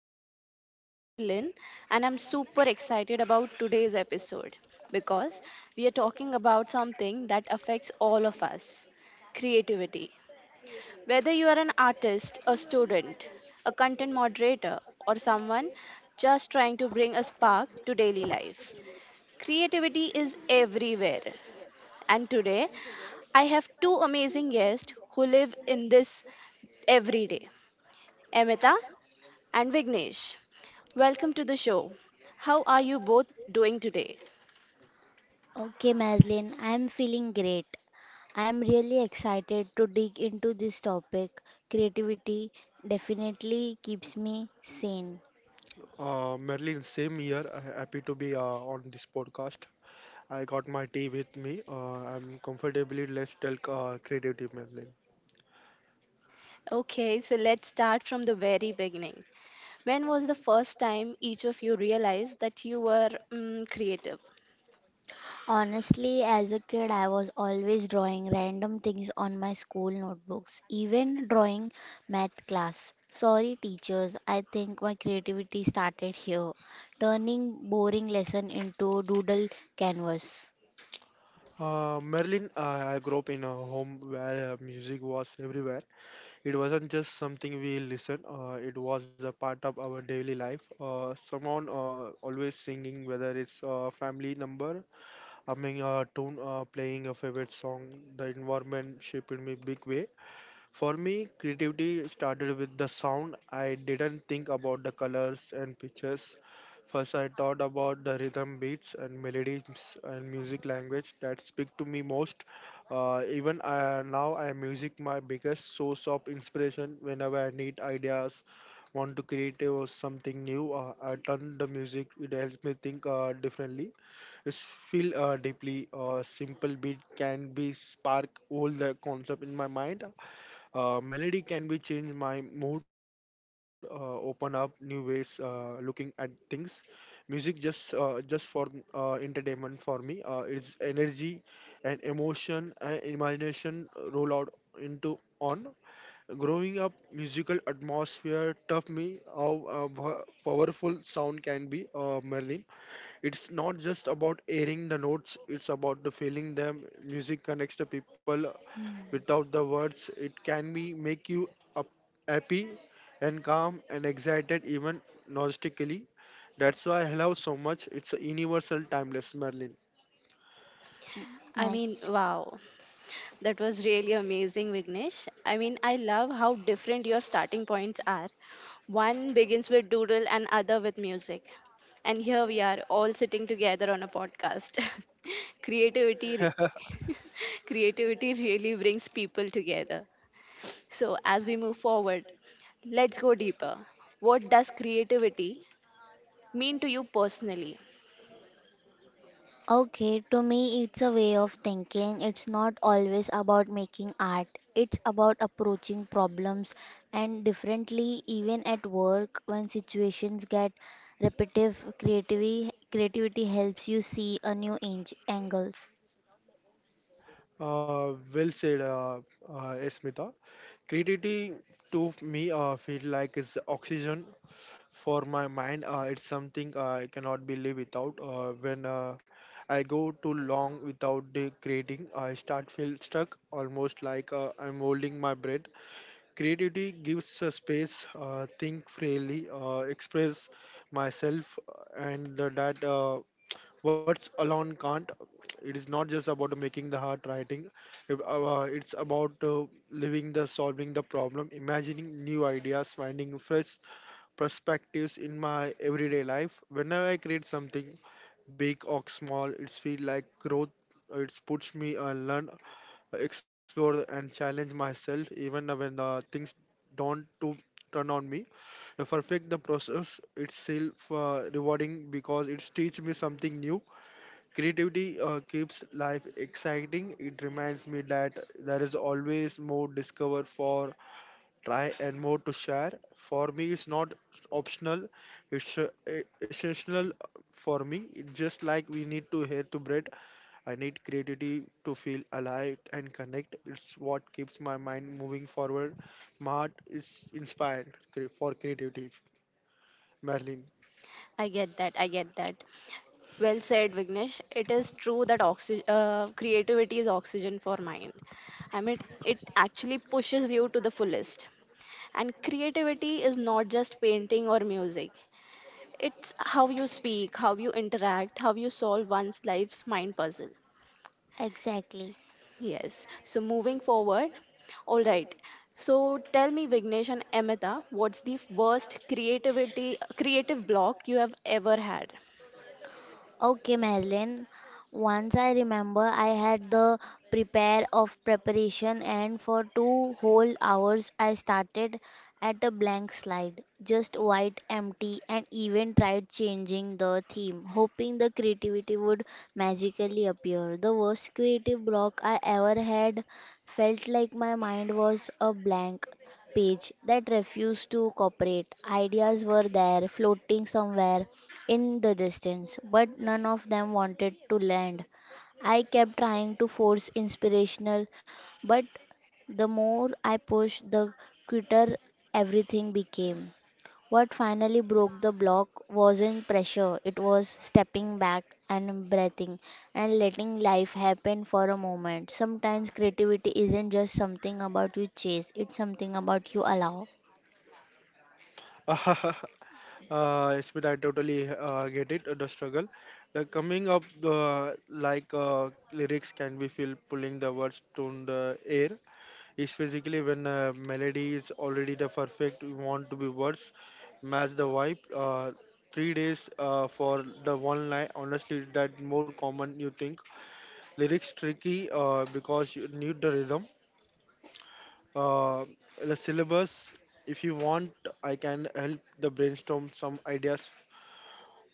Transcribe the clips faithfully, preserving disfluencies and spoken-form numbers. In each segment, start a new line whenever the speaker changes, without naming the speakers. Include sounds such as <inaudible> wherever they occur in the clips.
I'm your host, Marilyn, and I'm super excited about today's episode because we are talking about something that affects all of us, creativity. Whether you are an artist, a student, a content moderator, or someone just trying to bring a spark to daily life, creativity is everywhere. And today, I have two amazing guests who live in this every day. Amita and Vignesh. Welcome to the show. How are you both doing today?
Okay, Maslin, I am feeling great. I am really excited to dig into this topic. Creativity definitely keeps me sane.
Uh, Merlin, same year. uh, Happy to be uh, on this podcast. I got my tea with me. Uh, I'm comfortably let's talk uh, creative Merlin.
Okay, so let's start from the very beginning. When was the first time each of you realized that you were mm, creative?
Honestly, as a kid, I was always drawing random things on my school notebooks, even drawing math class. Sorry, teachers, I think my creativity started here, turning boring lesson into doodle canvas.
Uh, Merlin, uh, I grew up in a home where uh, music was everywhere. It wasn't just something we listen, uh, it was a part of our daily life. Uh, someone uh, always singing, whether it's a family number, I mean, a tune, uh, playing a favorite song. The environment shaped me big way. For me, creativity started with the sound. I didn't think about the colors and pictures. First, I thought about the rhythm, beats, and melodies and music language that speak to me most. Uh, even uh, now, I music my biggest source of inspiration. Whenever I need ideas, want to create or something new, uh, I turn the music. It helps me think uh, differently. It's feel uh, deeply. A simple beat can be spark all the concept in my mind. Uh, melody can be change my mood, uh, open up new ways, uh, looking at things. Music just uh, just for uh, entertainment for me. Uh, it's energy and emotion and imagination roll out into on. Growing up, musical atmosphere taught me how uh, powerful sound can be. Uh, Merlin. It's not just about airing the notes, it's about the feeling them. Music connects the people
Hmm.
without the words. It can be make you up, happy and calm and excited even nostalgically. That's why I love so much. It's a universal timeless Merlin.
I mean,
Nice.
wow. That was really amazing, Vignesh. I mean, I love how different your starting points are. One begins with doodle and other with music. And here we are all sitting together on a podcast. <laughs> creativity re- <laughs> creativity really brings people together. So, as we move forward, let's go deeper. What does creativity mean to you personally?
Okay, to me, it's a way of thinking. It's not always about making art, it's about approaching problems and differently, even at work, when situations get repetitive, creativity, creativity helps you see a new ang- angles.
Uh, well said, uh, uh, Smita. Creativity to me uh, feel like is oxygen for my mind. Uh, it's something uh, I cannot believe without. Uh, when uh, I go too long without the grading I start feel stuck almost like uh, I'm holding my breath. Creativity gives a space, uh, think freely, uh, express myself, uh, and the, that uh, words alone can't. It is not just about making the hard writing. If, uh, It's about uh, living the solving the problem, imagining new ideas, finding fresh perspectives in my everyday life. Whenever I create something, big or small, it's feel like growth. It puts me uh, learn explore and challenge myself even when the things don't to turn on me the perfect the process itself uh, rewarding because it teaches me something new. Creativity uh, keeps life exciting. It reminds me that there is always more discover for try and more to share. For me it's not optional, it's uh, e- essential. For me it's just like we need to hear to bread. I need creativity to feel alive and connect. It's what keeps my mind moving forward. My heart is inspired cre- for creativity. Merlin.
I get that. I get that. Well said, Vignesh. It is true that oxy- uh, creativity is oxygen for mind. I mean, it actually pushes you to the fullest. And creativity is not just painting or music, it's how you speak, how you interact, how you solve one's life's mind puzzle.
Exactly.
Yes. So, moving forward, all right. So, tell me, Vignesh and Amita, what's the worst creativity, creative block you have ever had?
Okay, Madeline. Once I remember, I had the prepare of preparation, and for two whole hours, I started at a blank slide, just white, empty, and even tried changing the theme, hoping the creativity would magically appear. The worst creative block I ever had felt like my mind was a blank page that refused to cooperate. Ideas were there, floating somewhere in the distance, but none of them wanted to land. I kept trying to force inspirational, but the more I pushed, the quicker everything became. What finally broke the block wasn't pressure, it was stepping back and breathing and letting life happen for a moment. Sometimes creativity isn't just something about you chase, it's something about you allow.
<laughs> uh, Smith, I totally uh, get it, uh, the struggle. The coming up, uh, like uh, lyrics can be feel pulling the words to the air. Is physically when uh, melody is already the perfect want to be words match the vibe uh, three days uh, for the one line. Honestly that more common you think lyrics tricky uh, because you need the rhythm, uh, the syllabus. If you want I can help the brainstorm some ideas.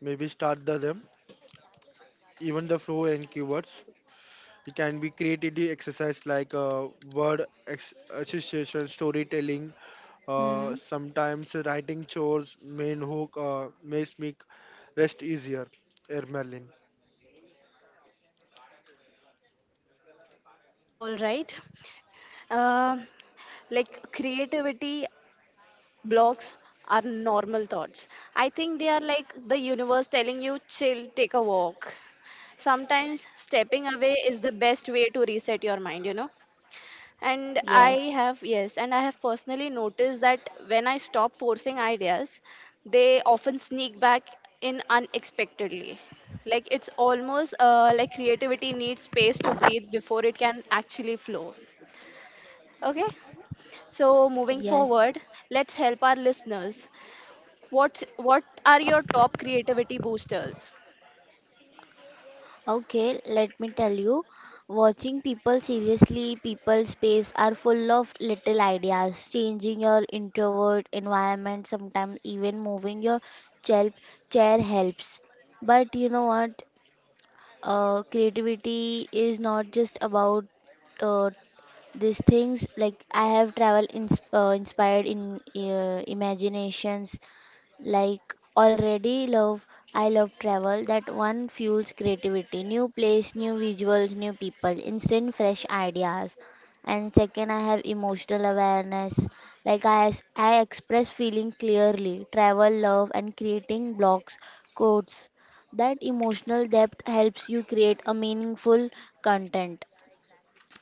Maybe start the them even the flow and keywords. It can be creativity exercise like uh, word ex- association, storytelling, uh,
Hmm.
sometimes writing chores, main hook, uh, makes me rest easier. Air Merlin.
All right. Um, like creativity blocks are normal thoughts. I think they are like the universe telling you, chill, take a walk. Sometimes stepping away is the best way to reset your mind, you know. And I have,
Yes.
yes, and I have personally noticed that when I stop forcing ideas, they often sneak back in unexpectedly. Like it's almost uh, like creativity needs space to breathe before it can actually flow. Okay. So moving
Yes.
forward, let's help our listeners. What what are your top creativity boosters?
Okay, let me tell you. Watching people seriously, people space are full of little ideas. Changing your introvert environment, sometimes even moving your chair, chair helps. But you know what? Uh, creativity is not just about uh, these things, like I have travel ins uh, inspired in uh, imaginations. Like already love, I love travel. That one fuels creativity. New place, new visuals, new people, instant fresh ideas. And second, I have emotional awareness. Like I, ex- I express feeling clearly. Travel, love, and creating blocks, quotes. That emotional depth helps you create a meaningful content,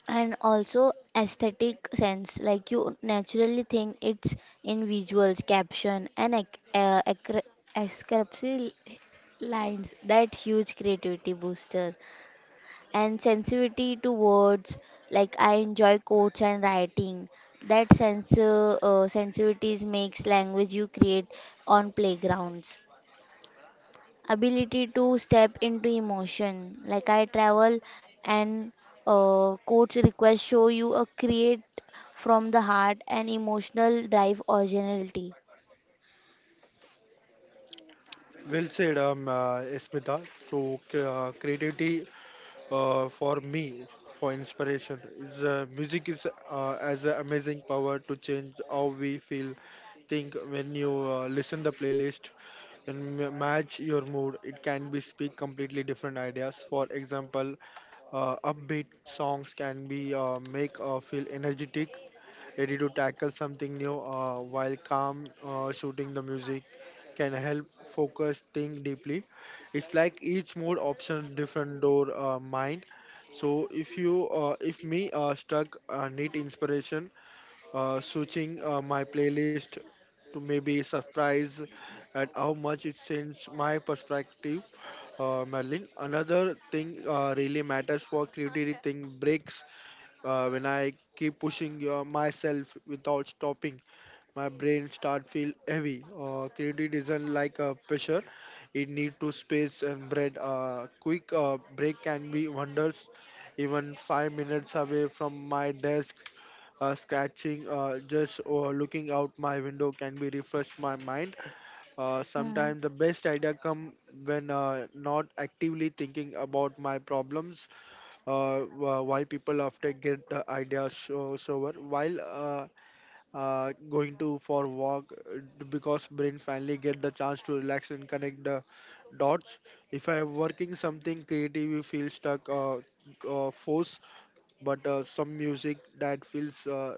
and also aesthetic sense, like you naturally think it's in visuals caption and ec- uh, acre- escapes lines that huge creativity booster, and sensitivity to words, like I enjoy quotes and writing, that sense uh, uh, sensitivities makes language you create on playgrounds, ability to step into emotion. Like I travel and uh, coach request show you a create from the heart, and emotional drive originality.
Well said, um, uh, Smita. So c- uh, creativity uh, for me for inspiration is uh, music is uh, as an amazing power to change how we feel think. When you uh, listen the playlist and ma- match your mood it can be speak completely different ideas. For example uh, upbeat songs can be uh, make uh, feel energetic ready to tackle something new, uh, while calm uh, shooting the music can help focus think deeply. It's like each mode option different door uh, mind. So if you uh, if me uh, stuck uh, need inspiration uh, switching uh, my playlist to maybe surprise at how much it changed my perspective. Uh, merlin. Another thing uh, really matters for creativity thing breaks uh, when I keep pushing uh, myself without stopping, my brain start feel heavy. Uh, creativity isn't like a pressure; it need to space and bread. Uh, quick uh, break can be wonders. Even five minutes away from my desk, uh, scratching, uh, just uh, looking out my window can be refresh my mind. Uh,
Mm,
sometimes the best idea come when uh, not actively thinking about my problems. Uh, wh- why people often get the idea so sober while uh, uh, going to for walk uh, because brain finally get the chance to relax and connect the dots. If I am working something creative you feel stuck or uh, force. But uh, some music that feels uh,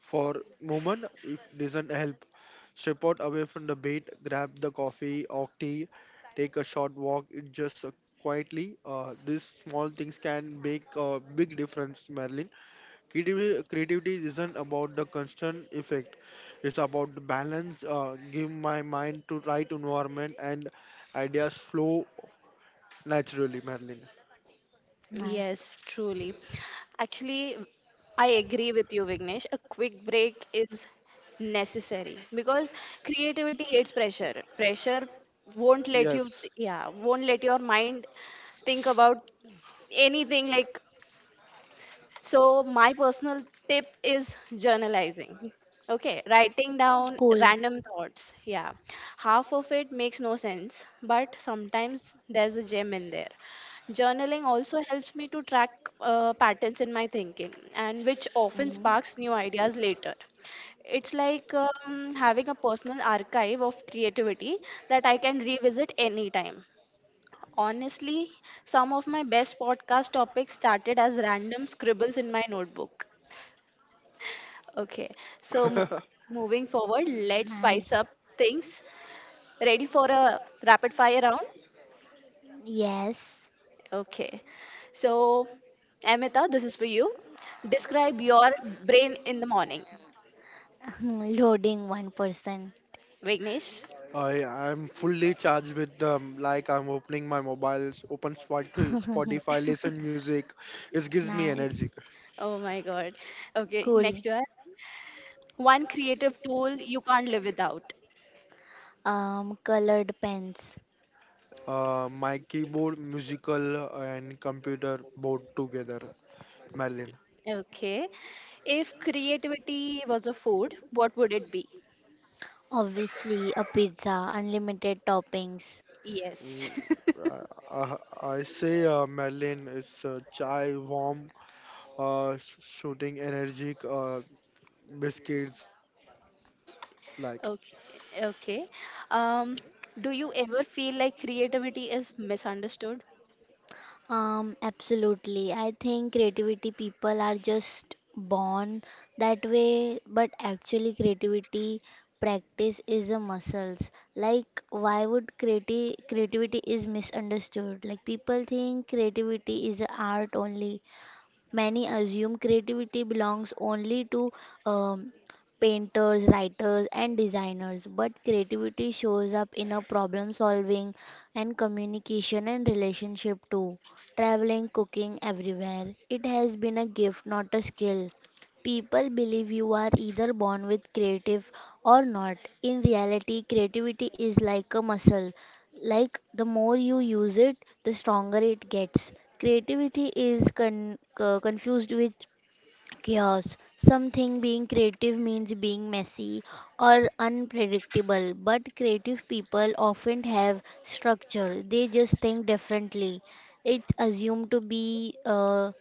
for moment it doesn't help. Step out away from the bed, grab the coffee or tea, take a short walk. It just uh, quietly. Uh, these small things can make a big difference, Marilyn. Creativity, creativity isn't about the constant effect. It's about the balance. Uh, give my mind to right environment and ideas flow naturally, Marilyn.
nice.
Yes, truly. Actually, I agree with you, Vignesh. A quick break is necessary because creativity hates pressure. Pressure won't let you,
Yes.
yeah, won't let your mind think about anything like. So, my personal tip is journalizing. Okay, writing down
Cool.
random thoughts. Yeah, half of it makes no sense, but sometimes there's a gem in there. Journaling also helps me to track uh, patterns in my thinking, and which often
Mhm.
sparks new ideas later. It's like um, having a personal archive of creativity that I can revisit anytime. Honestly, some of my best podcast topics started as random scribbles in my notebook. Okay, so mo- moving forward,
Mm,
let's spice
nice.
up things. Ready for a rapid fire round?
Yes.
Okay, so Amita, this is for you. Describe your brain in the morning.
<laughs> Loading one person.
Vignesh?
I am fully charged with um, like I'm opening my mobile, open Spotify,
<laughs>
Spotify, listen music. It gives me
Nice.
energy.
Oh my god. Okay,
Cool.
next one. One creative tool you can't live without.
Um, colored pens.
Uh, my keyboard, musical, and computer both together. Merlin.
Okay. If creativity was a food, what would it be?
Obviously, a pizza, unlimited toppings.
Yes.
Mm,
<laughs>
uh, I say uh, Merlin is uh, chai, warm, uh, sh- shooting, energetic, uh, biscuits. Like
Okay. Okay. Um, do you ever feel like creativity is misunderstood?
Um, absolutely. I think creativity people are just born that way, but actually creativity practice is a muscles. Like why would creati creativity is misunderstood? Like people think creativity is a art only. Many assume creativity belongs only to um, painters, writers, and designers, but creativity shows up in a problem solving and communication and relationship too. Traveling, cooking, everywhere. It has been a gift, not a skill. People believe you are either born with creative or not. In reality, creativity is like a muscle, like the more you use it the stronger it gets. Creativity is con- uh, confused with chaos. Something being creative means being messy or unpredictable, but creative people often have structure. They just think differently. It's assumed to be uh,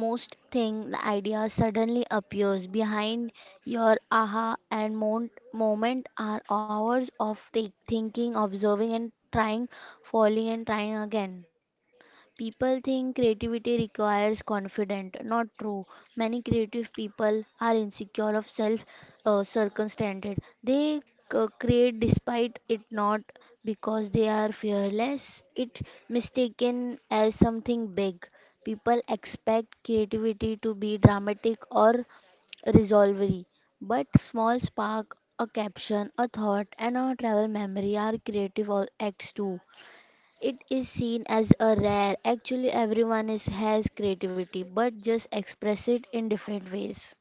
most thing the idea suddenly appears behind your aha, and mon- moment are hours of thi- thinking, observing and trying, falling and trying again. People think creativity requires confidence. Not true. Many creative people are insecure of self uh, circumstances. They c- create despite it not because they are fearless. It mistaken as something big. People expect creativity to be dramatic or resolvery, but small spark, a caption, a thought, and a travel memory are creative all- acts too. It is seen as a rare. Actually, everyone is, has creativity, but just express it in different ways.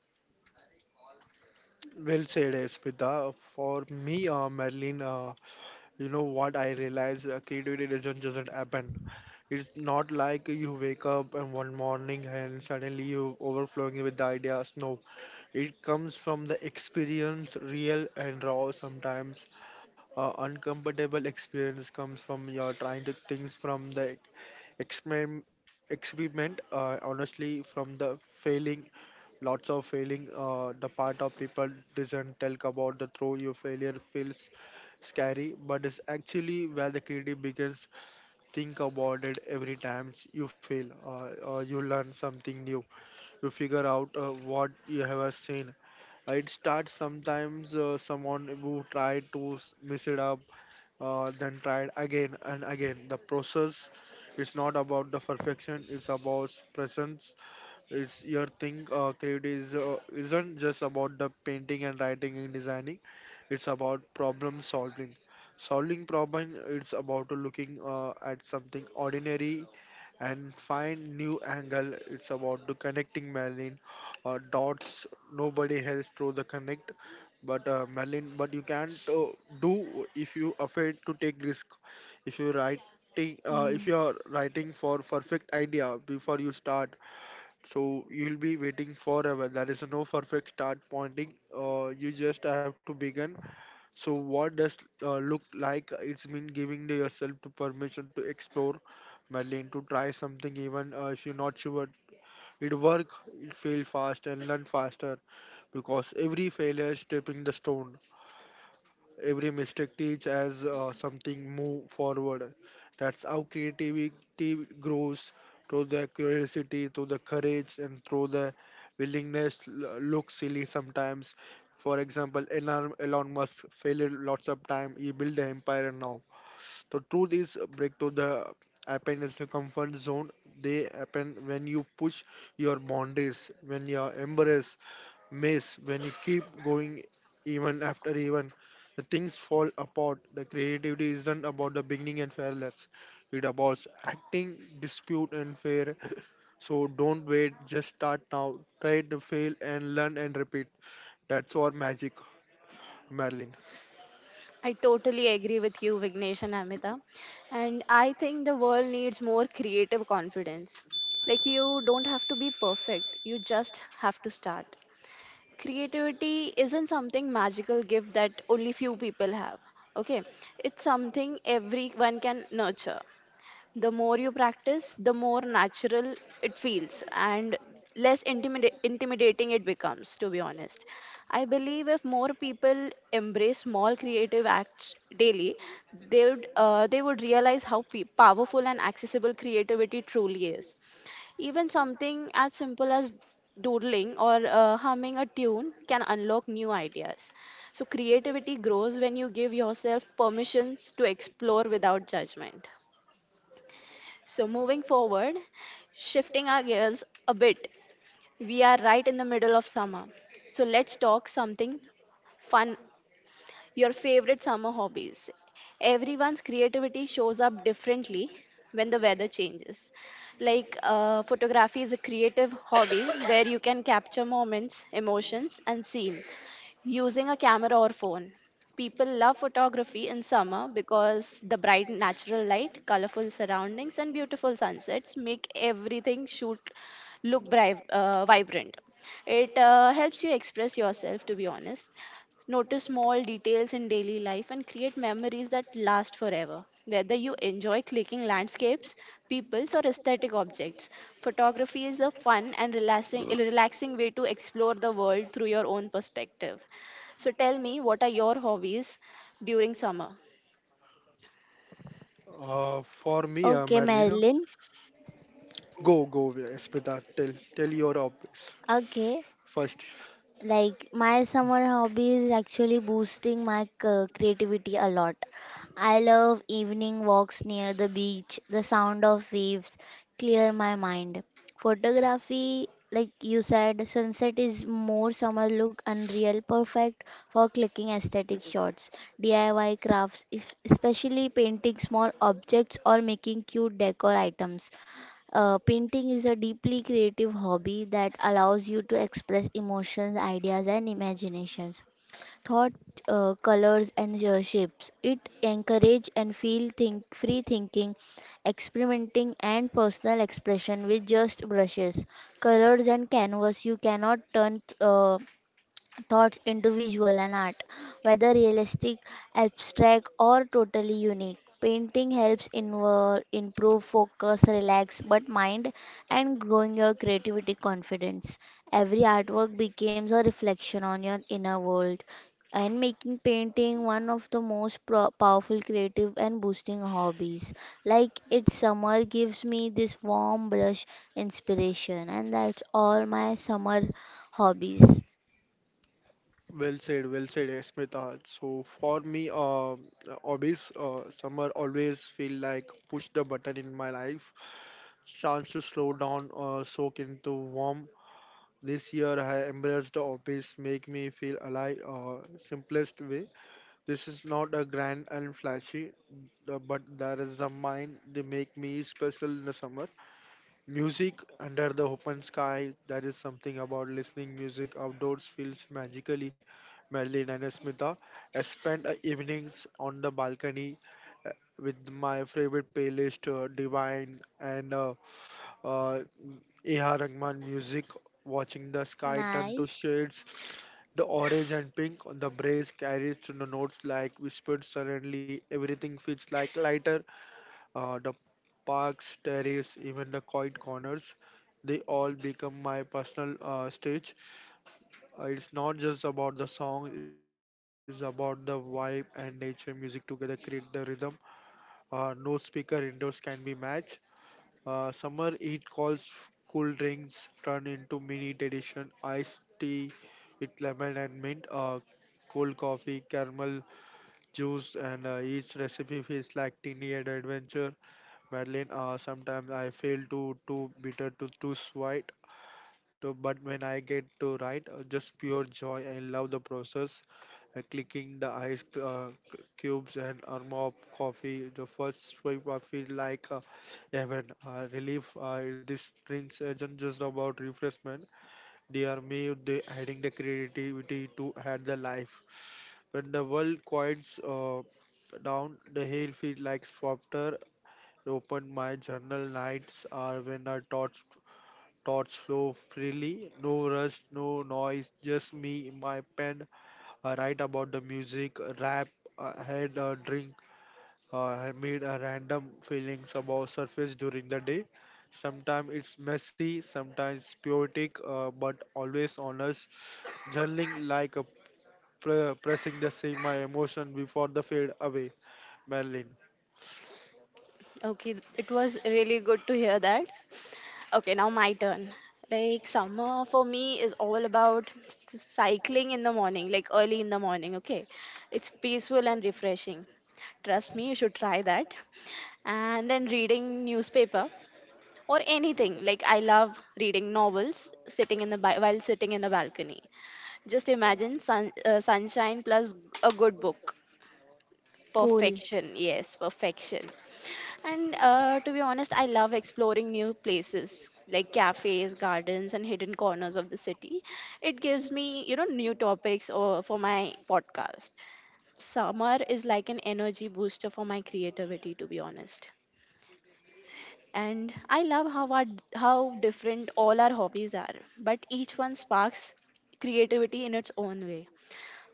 well said, Smita. For me, uh, Merlin. Uh, You know what I realize? Uh, Creativity doesn't just happen. It's not like you wake up and one morning and suddenly you overflowing with the ideas. No, it comes from the experience, real and raw. Sometimes uh, uncomfortable experience comes from your trying to things from the experiment, experiment, uh, honestly from the failing. Lots of failing, uh, the part of people doesn't talk about the throw your failure feels scary, but it's actually where the creative begins. Think about it every time you fail, uh, or you learn something new. You figure out uh, what you have seen. Uh, It starts sometimes uh, someone who tried to s- mess it up, uh, then tried again and again. The process is not about the perfection; it's about presence. It's your thing. Uh, create is uh, isn't just about the painting and writing and designing. It's about problem solving. Solving problem. It's about looking uh, at something ordinary and find new angle. It's about the connecting Merlin uh, dots. Nobody else through the connect. But uh, Merlin, but you can't uh, do if you afraid to take risk. If you writing- uh, if you
Mm.
are writing for perfect idea before you start so you'll be waiting forever. There is no perfect start pointing. Uh, you just have to begin. So what does uh, look like? It's been giving to yourself to permission to explore, meddling, to try something even uh, if you're not sure. It work, it fail fast and learn faster because every failure is stepping the stone. Every mistake teach as uh, something move forward. That's how creativity grows through the curiosity, through the courage, and through the willingness l- look silly sometimes. For example, Elon, Elon Musk failed lots of time. He built the empire and now. So through this breakthrough, the happen is the comfort zone. They happen when you push your boundaries, when you embrace maze when you keep going even after even the things fall apart. The creativity isn't about the beginning and fairness, it about acting dispute and fair. So don't wait, just start now, try to fail and learn and repeat. That's our magic, Marilyn.
I totally agree with you, Vignesh and Amita. And I think the world needs more creative confidence. Like, you don't have to be perfect, you just have to start. Creativity isn't something magical gift that only few people have. Okay, it's something everyone can nurture. The more you practice, the more natural it feels and less intimida- intimidating it becomes, to be honest. I believe if more people embrace small creative acts daily, they would, uh, they would realize how pe- powerful and accessible creativity truly is. Even something as simple as doodling or uh, humming a tune can unlock new ideas. So, creativity grows when you give yourself permissions to explore without judgment. So, moving forward, shifting our gears a bit, we are right in the middle of summer. So, let's talk something fun, your favorite summer hobbies. Everyone's creativity shows up differently when the weather changes. Like uh, photography is a creative hobby where you can capture moments, emotions, and scene using a camera or phone. People love photography in summer because the bright natural light, colorful surroundings, and beautiful sunsets make everything shoot look bri- uh, vibrant. It uh, helps you express yourself, to be honest. Notice small details in daily life and create memories that last forever. Whether you enjoy clicking landscapes, peoples, or aesthetic objects, photography is a fun and relaxing, relaxing way to explore the world through your own perspective. So, tell me, what are your hobbies during summer?
Uh, for me uh,
Okay,
Marilyn,
Marilyn.
go go Smita. tell tell your office
Okay.
first.
Like my summer hobby is actually boosting my c- creativity a lot. I love evening walks near the beach. The sound of waves clear my mind. Photography, like you said, sunset is more summer look unreal, perfect for clicking aesthetic shots. D I Y crafts, if- especially painting small objects or making cute decor items. Uh, painting is a deeply creative hobby that allows you to express emotions, ideas, and imaginations, thought, uh, colors, and uh, shapes. It encourage and feel think free thinking, experimenting, and personal expression with just brushes, colors, and canvas. You cannot turn uh, thoughts into visual and art, whether realistic, abstract, or totally unique. Painting helps invo- improve focus, relax but mind, and growing your creativity confidence. Every artwork becomes a reflection on your inner world, and making painting one of the most pro- powerful creative and boosting hobbies. Like it's summer gives me this warm brush inspiration, and that's all my summer hobbies.
Well said, well said, eh, Smita. So for me, uh, hobbies, uh, summer always feel like push the button in my life, chance to slow down, uh, soak into warm. This year I embraced the hobbies, make me feel alive, uh, simplest way. This is not a grand and flashy, the- but there is a mind they make me special in the summer. Music under the open sky, that is something about listening music outdoors feels magically. Marilyn and Smita. I spend uh, evenings on the balcony uh, with my favorite playlist, uh, Divine and uh, uh, A R. Rahman music, watching the sky turn to
Nice.
shades. The orange and pink on the breeze carries to the notes like whispered suddenly. Everything feels like lighter. Uh, the parks, terrace, even the quiet corners, they all become my personal uh, stage. Uh, it's not just about the song, it's about the vibe and nature. Music together create the rhythm. Uh, no speaker indoors can be matched. Uh, summer heat calls cool drinks turn into mini tradition. Iced tea with lemon and mint. Uh, cold coffee, caramel juice, and uh, each recipe feels like teeny adventure. Madeline, uh, sometimes I feel too too bitter, too too sweet. To, but when I get to write, uh, just pure joy. I love the process. Uh, clicking the ice uh, c- cubes and arm of coffee. The first sip I feel like uh, heaven. Uh, relief. Uh, this drinks isn't just about refreshment. They are me. They adding the creativity to add the life. When the world quiets uh, down, the hill feels like softer. Open my journal nights are when our thoughts thoughts flow freely, no rush, no noise, just me, my pen. I write about the music, rap, I had a drink, uh, I made a random feelings about surface during the day. Sometimes it's messy, sometimes poetic, uh, but always honest. Journaling like a pre- pressing the same my emotion before the fade away. Marilyn.
Okay, it was really good to hear that. Okay, now my turn. Like summer for me is all about s- cycling in the morning, like early in the morning, okay? It's peaceful and refreshing. Trust me, you should try that. And then reading newspaper or anything. Like I love reading novels sitting in the ba- while sitting in the balcony. Just imagine sun, uh, sunshine plus a good book.
Cool.
Perfection. Yes, perfection. And uh, to be honest, I love exploring new places like cafes, gardens, and hidden corners of the city. It gives me, you know, new topics or for my podcast. Summer is like an energy booster for my creativity, to be honest. And I love how our, how different all our hobbies are, but each one sparks creativity in its own way.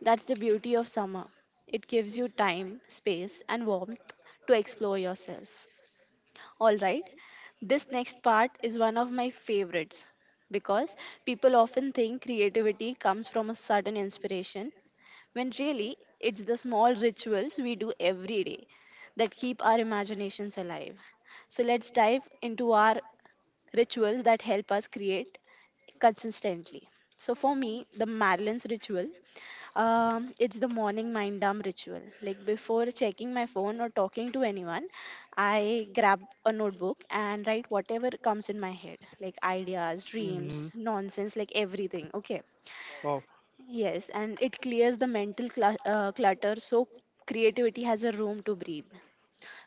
That's the beauty of summer. It gives you time, space, and warmth to explore yourself. All right. This next part is one of my favorites because people often think creativity comes from a sudden inspiration when really it's the small rituals we do every day that keep our imaginations alive. So let's dive into our rituals that help us create consistently. So for me, the Madeline's ritual, um, it's the morning mind dump ritual. Like before checking my phone or talking to anyone, I grab a notebook and write whatever comes in my head, like ideas,
hmm
dreams, nonsense, like everything. Okay.
Wow,
Yes, and it clears the mental clu- uh, clutter so creativity has a room to breathe.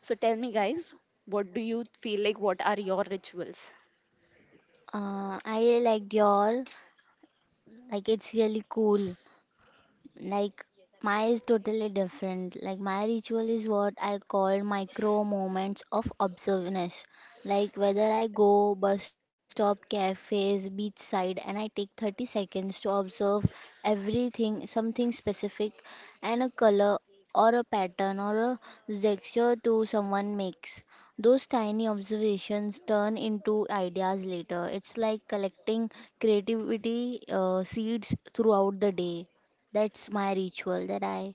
So tell me, guys, what do you feel like? What are your rituals?
Uh, I liked your, like, it's really cool. Like my is totally different. Like my ritual is what I call micro moments of observeness. Like whether I go bus stop, cafes, beachside, and I take thirty seconds to observe everything, something specific, and a color or a pattern or a gesture to someone makes. Those tiny observations turn into ideas later. It's like collecting creativity uh, seeds throughout the day. That's my ritual that I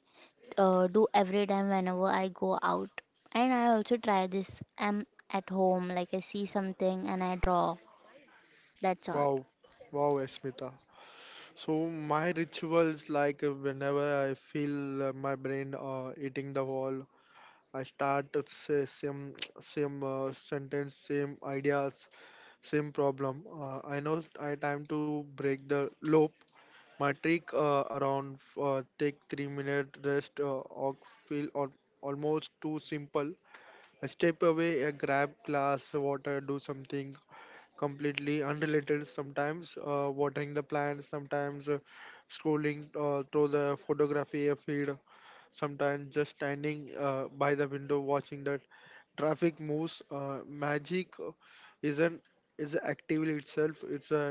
uh, do every time whenever I go out. And I also try this. I'm at home, like I see something and I draw. That's all.
wow, wow, Esmita. So my rituals like uh, whenever I feel uh, my brain uh, eating the wall, I start to say same <tsk> same uh, sentence, same ideas, same problem. Uh, I know I time to break the loop. My trick uh, around f- uh, take three minute rest uh, or feel al- almost too simple. I step away, I grab glass of water, do something completely unrelated, sometimes uh, watering the plants, sometimes uh, scrolling uh, through the photography feed, sometimes just standing uh, by the window watching the traffic moves. Uh, magic is an is an activity itself. It's a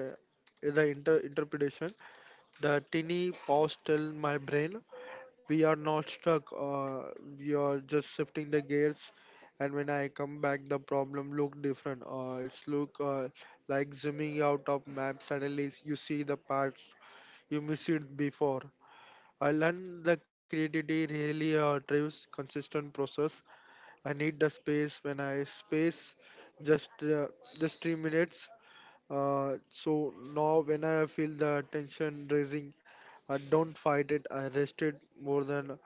the inter- interpretation, the tiny pause tell my brain we are not stuck, uh, we are just shifting the gears. And when I come back the problem look different, uh, it's look uh, like zooming out of map, suddenly you see the parts you missed it before. I learned the creativity really uh, drives consistent process. I need the space when I space just uh, just three minutes. Uh, so now when I feel the tension raising I don't fight it. I rest it more than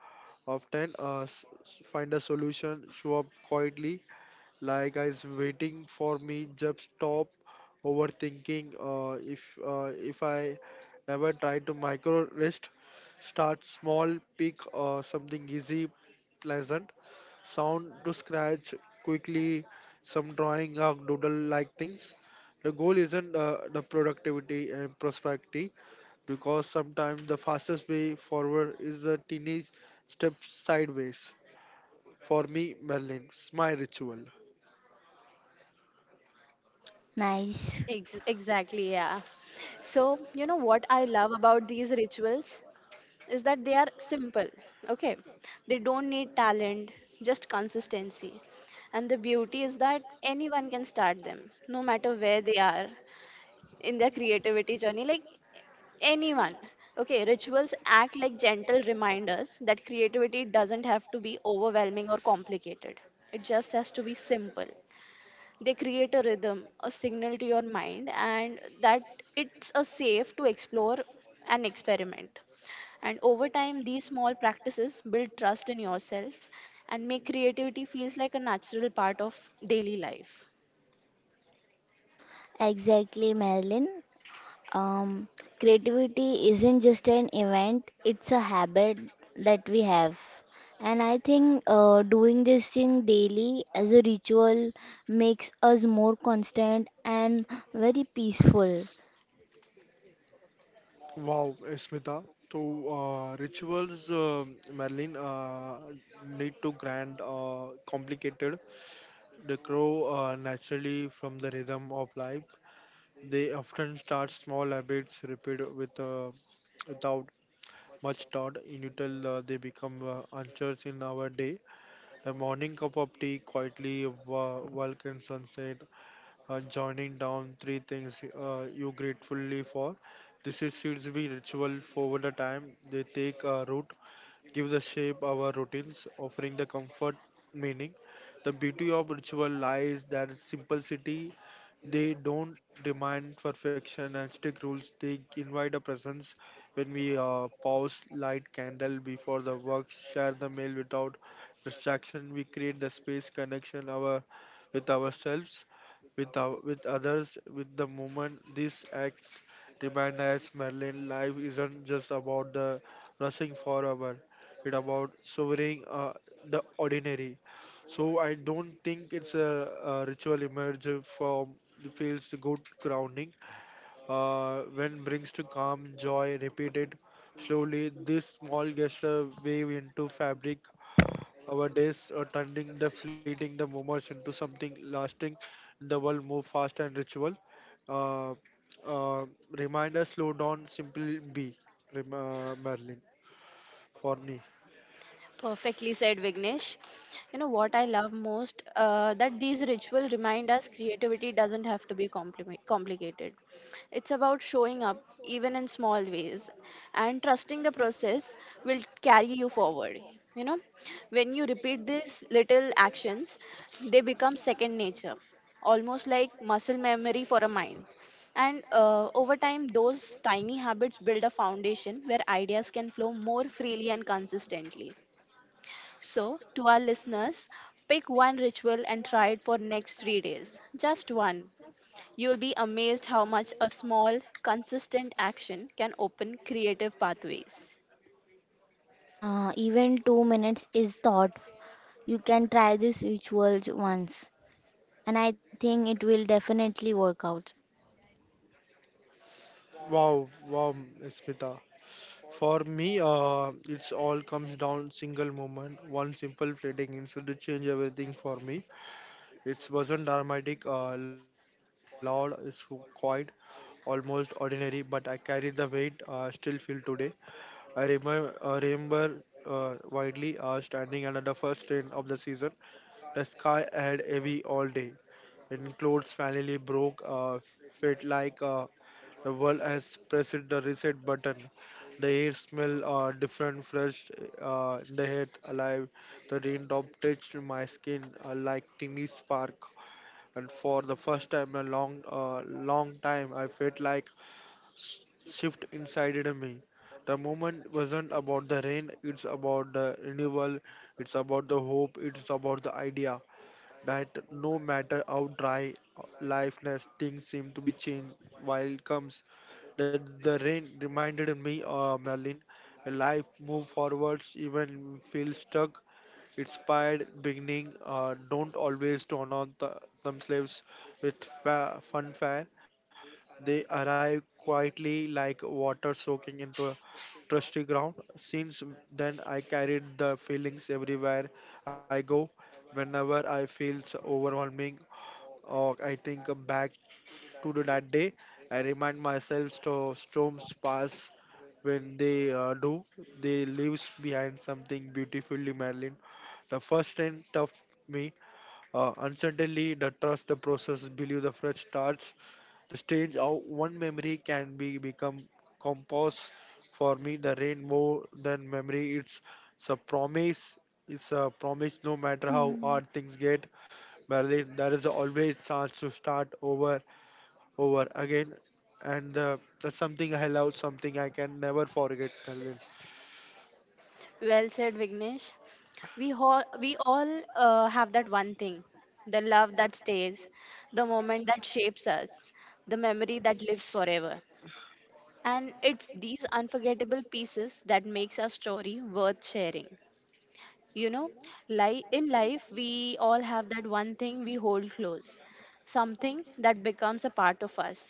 often. Uh, s- find a solution, show up quietly, like guys waiting for me, just stop overthinking. Uh, if uh, if I never try to micro rest, start small, pick uh, something easy, pleasant, sound to scratch quickly, some drawing or doodle like things. The goal isn't uh, the productivity and prosperity, because sometimes the fastest way forward is a tiny step sideways. For me, Merlin, it's my ritual.
Nice.
Ex- exactly, yeah. So, you know what I love about these rituals? Is that they are simple. Okay, they don't need talent, just consistency. And the beauty is that anyone can start them no matter where they are in their creativity journey, like anyone. Okay, rituals act like gentle reminders that creativity doesn't have to be overwhelming or complicated, it just has to be simple. They create a rhythm, a signal to your mind, and that it's a safe to explore and experiment. And over time these small practices build trust in yourself and make creativity feels like a natural part of daily life.
Exactly, Marilyn. Um, creativity isn't just an event, it's a habit that we have. And I think uh, doing this thing daily as a ritual makes us more constant and very peaceful.
Wow, Smita. So, uh, rituals, um Merlin, uh, lead to grand, uh, complicated. They grow uh, naturally from the rhythm of life. They often start small habits, repeat with uh, without much thought, until uh, they become uh, anchors in our day. A morning cup of tea, quietly wa- walk in sunset, and joining down three things uh, you gratefully for. This is should be ritual for the time they take uh, root, gives us shape our routines, offering the comfort meaning. The beauty of ritual lies that simplicity. They don't demand perfection and strict rules. They invite a presence when we uh, pause, light candle before the work, share the meal without distraction. We create the space connection our with ourselves, with our, with others, with the moment. These acts remind us, Merlin, life isn't just about the rushing for hour, it about sovereign uh, the ordinary. So I don't think it's a, a ritual emerge from the feels good grounding, uh, when brings to calm joy repeated slowly. This small gesture wave into fabric our days are turning the fleeting the moments into something lasting. The world move fast and ritual, uh, uh, reminder slow down simple be rem- uh, Merlin, for me.
Perfectly said, Vignesh. You know what I love most? Uh, that these rituals remind us creativity doesn't have to be compli- complicated. It's about showing up, even in small ways, and trusting the process will carry you forward. You know, when you repeat these little actions, they become second nature, almost like muscle memory for a mind. And uh, over time, those tiny habits build a foundation where ideas can flow more freely and consistently. So, to our listeners, pick one ritual and try it for next three days. Just one. You'll be amazed how much a small consistent action can open creative pathways.
Uh, even two minutes is thought. You can try this ritual once, and I think it will definitely work out.
Wow, wow, Smita. For me, uh, it's all comes down single moment, one simple trading instead to change everything for me. It wasn't dramatic, uh, loud, it's quiet, almost ordinary, but I carried the weight. Uh, still feel today. I remember, uh, remember uh, widely uh, standing under the first rain of the season. The sky had heavy all day, and clothes finally broke. Uh, felt like. Uh, the world has pressed the reset button. The air smell uh, different, fresh, uh, the head alive. The raindrop touched my skin uh, like tiny spark, and for the first time in a long, uh, long time, I felt like s- shift inside in me. The moment wasn't about the rain; it's about the renewal. It's about the hope. It's about the idea that no matter how dry lifeless things seem to be changed while it comes, that the rain reminded me, uh, Merlin, life move forwards even feel stuck inspired beginning, uh, don't always turn on the themselves with fa- fun. They arrive quietly like water soaking into a trusty ground. Since then, I carried the feelings everywhere I go. Whenever I feel so overwhelming or I think back to the- that day, I remind myself to storms pass when they uh, do, they leaves behind something beautifully, Marilyn. The first end of me, uh, uncertainly, the trust, the process, believe the fresh starts. The strange how one memory can be become compass for me. The rain more than memory. It's, it's a promise. It's a promise. No matter how hard
Hmm.
things get, Berlin, there is always chance to start over, over again. And uh, that's something I love, something I can never forget, Berlin.
Well said, Vignesh. We all we all uh, have that one thing, the love that stays, the moment that shapes us, the memory that lives forever. And it's these unforgettable pieces that makes our story worth sharing. You know, li- in life we all have that one thing we hold close, something that becomes a part of us.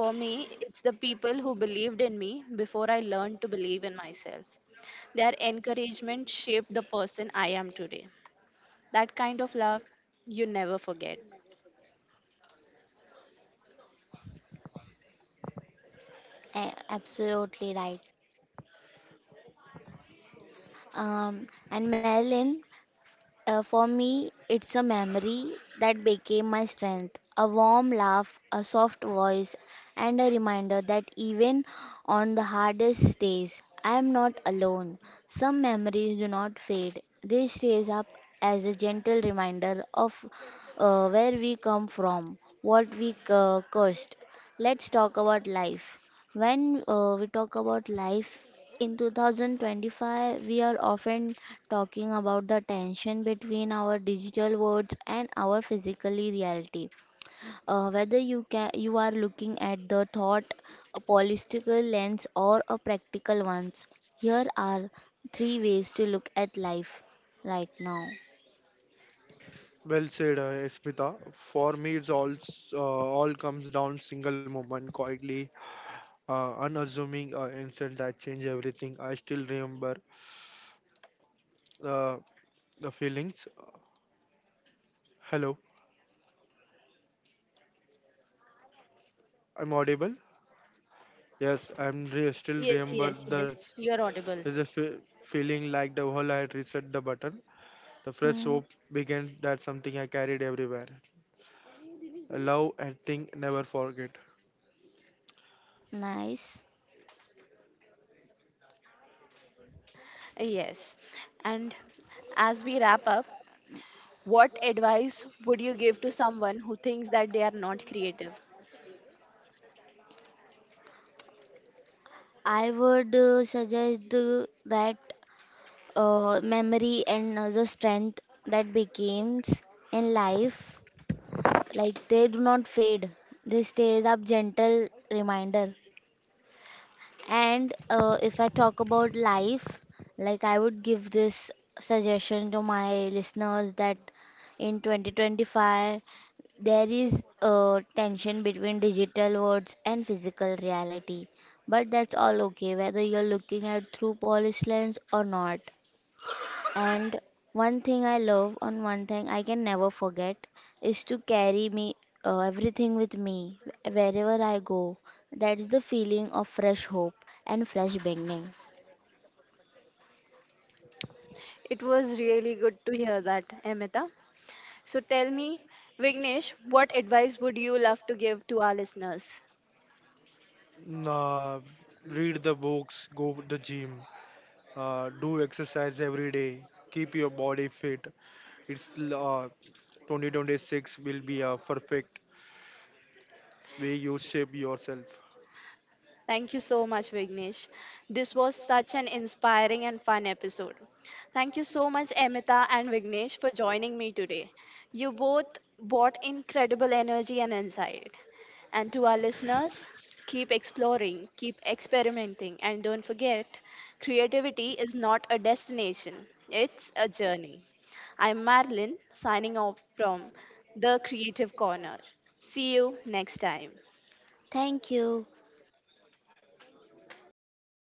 For me it's the people who believed in me before I learned to believe in myself. Their encouragement shaped the person I am today. That kind of love you never forget.
A- absolutely right. Um, and, Marilyn, Uh, for me, it's a memory that became my strength. A warm laugh, a soft voice, and a reminder that even on the hardest days, I am not alone. Some memories do not fade, they stays up as a gentle reminder of uh, where we come from, what we uh, cursed. Let's talk about life. When uh, we talk about life, in twenty twenty-five, we are often talking about the tension between our digital worlds and our physical reality. Uh, whether you can, you are looking at the thought, a political lens, or a practical ones, here are three ways to look at life right now.
Well said, uh, Smita. For me, it's all s- uh, all comes down single moment, quietly, uh, unassuming uh, instant that changed everything. I still remember. Uh, the feelings. Hello, I'm audible. Yes, I'm re- still
Yes,
remember
yes, yes,
the s-
you're audible.
there's a fe- feeling like the whole I had reset the button. The fresh
Hmm,
hope began that something I carried everywhere. A love and thing never forget.
nice.
Yes, and as we wrap up, what advice would you give to someone who thinks that they are not creative?
I would uh, suggest the, that uh, memory and uh, the strength that becomes in life, like they do not fade, they stays up gentle reminder. And uh, if I talk about life, like I would give this suggestion to my listeners that in twenty twenty-five there is a tension between digital worlds and physical reality, but that's all okay whether you're looking at through polished lens or not. And one thing I love, on one thing I can never forget, is to carry me uh, everything with me wherever I go. That's the feeling of fresh hope and fresh beginning.
It was really good to hear that, Amita. So tell me, Vignesh, what advice would you love to give to our listeners?
Nah, read the books, go to the gym, uh, do exercise every day, keep your body fit. It's l- uh, twenty twenty-six will be a perfect way you shape yourself.
Thank you so much, Vignesh. This was such an inspiring and fun episode. Thank you so much, Amita and Vignesh, for joining me today. You both brought incredible energy and insight. And to our listeners, keep exploring, keep experimenting, and don't forget, creativity is not a destination, it's a journey. I'm Marilyn, signing off from The Creative Corner. See you next time.
Thank you.
Thank you.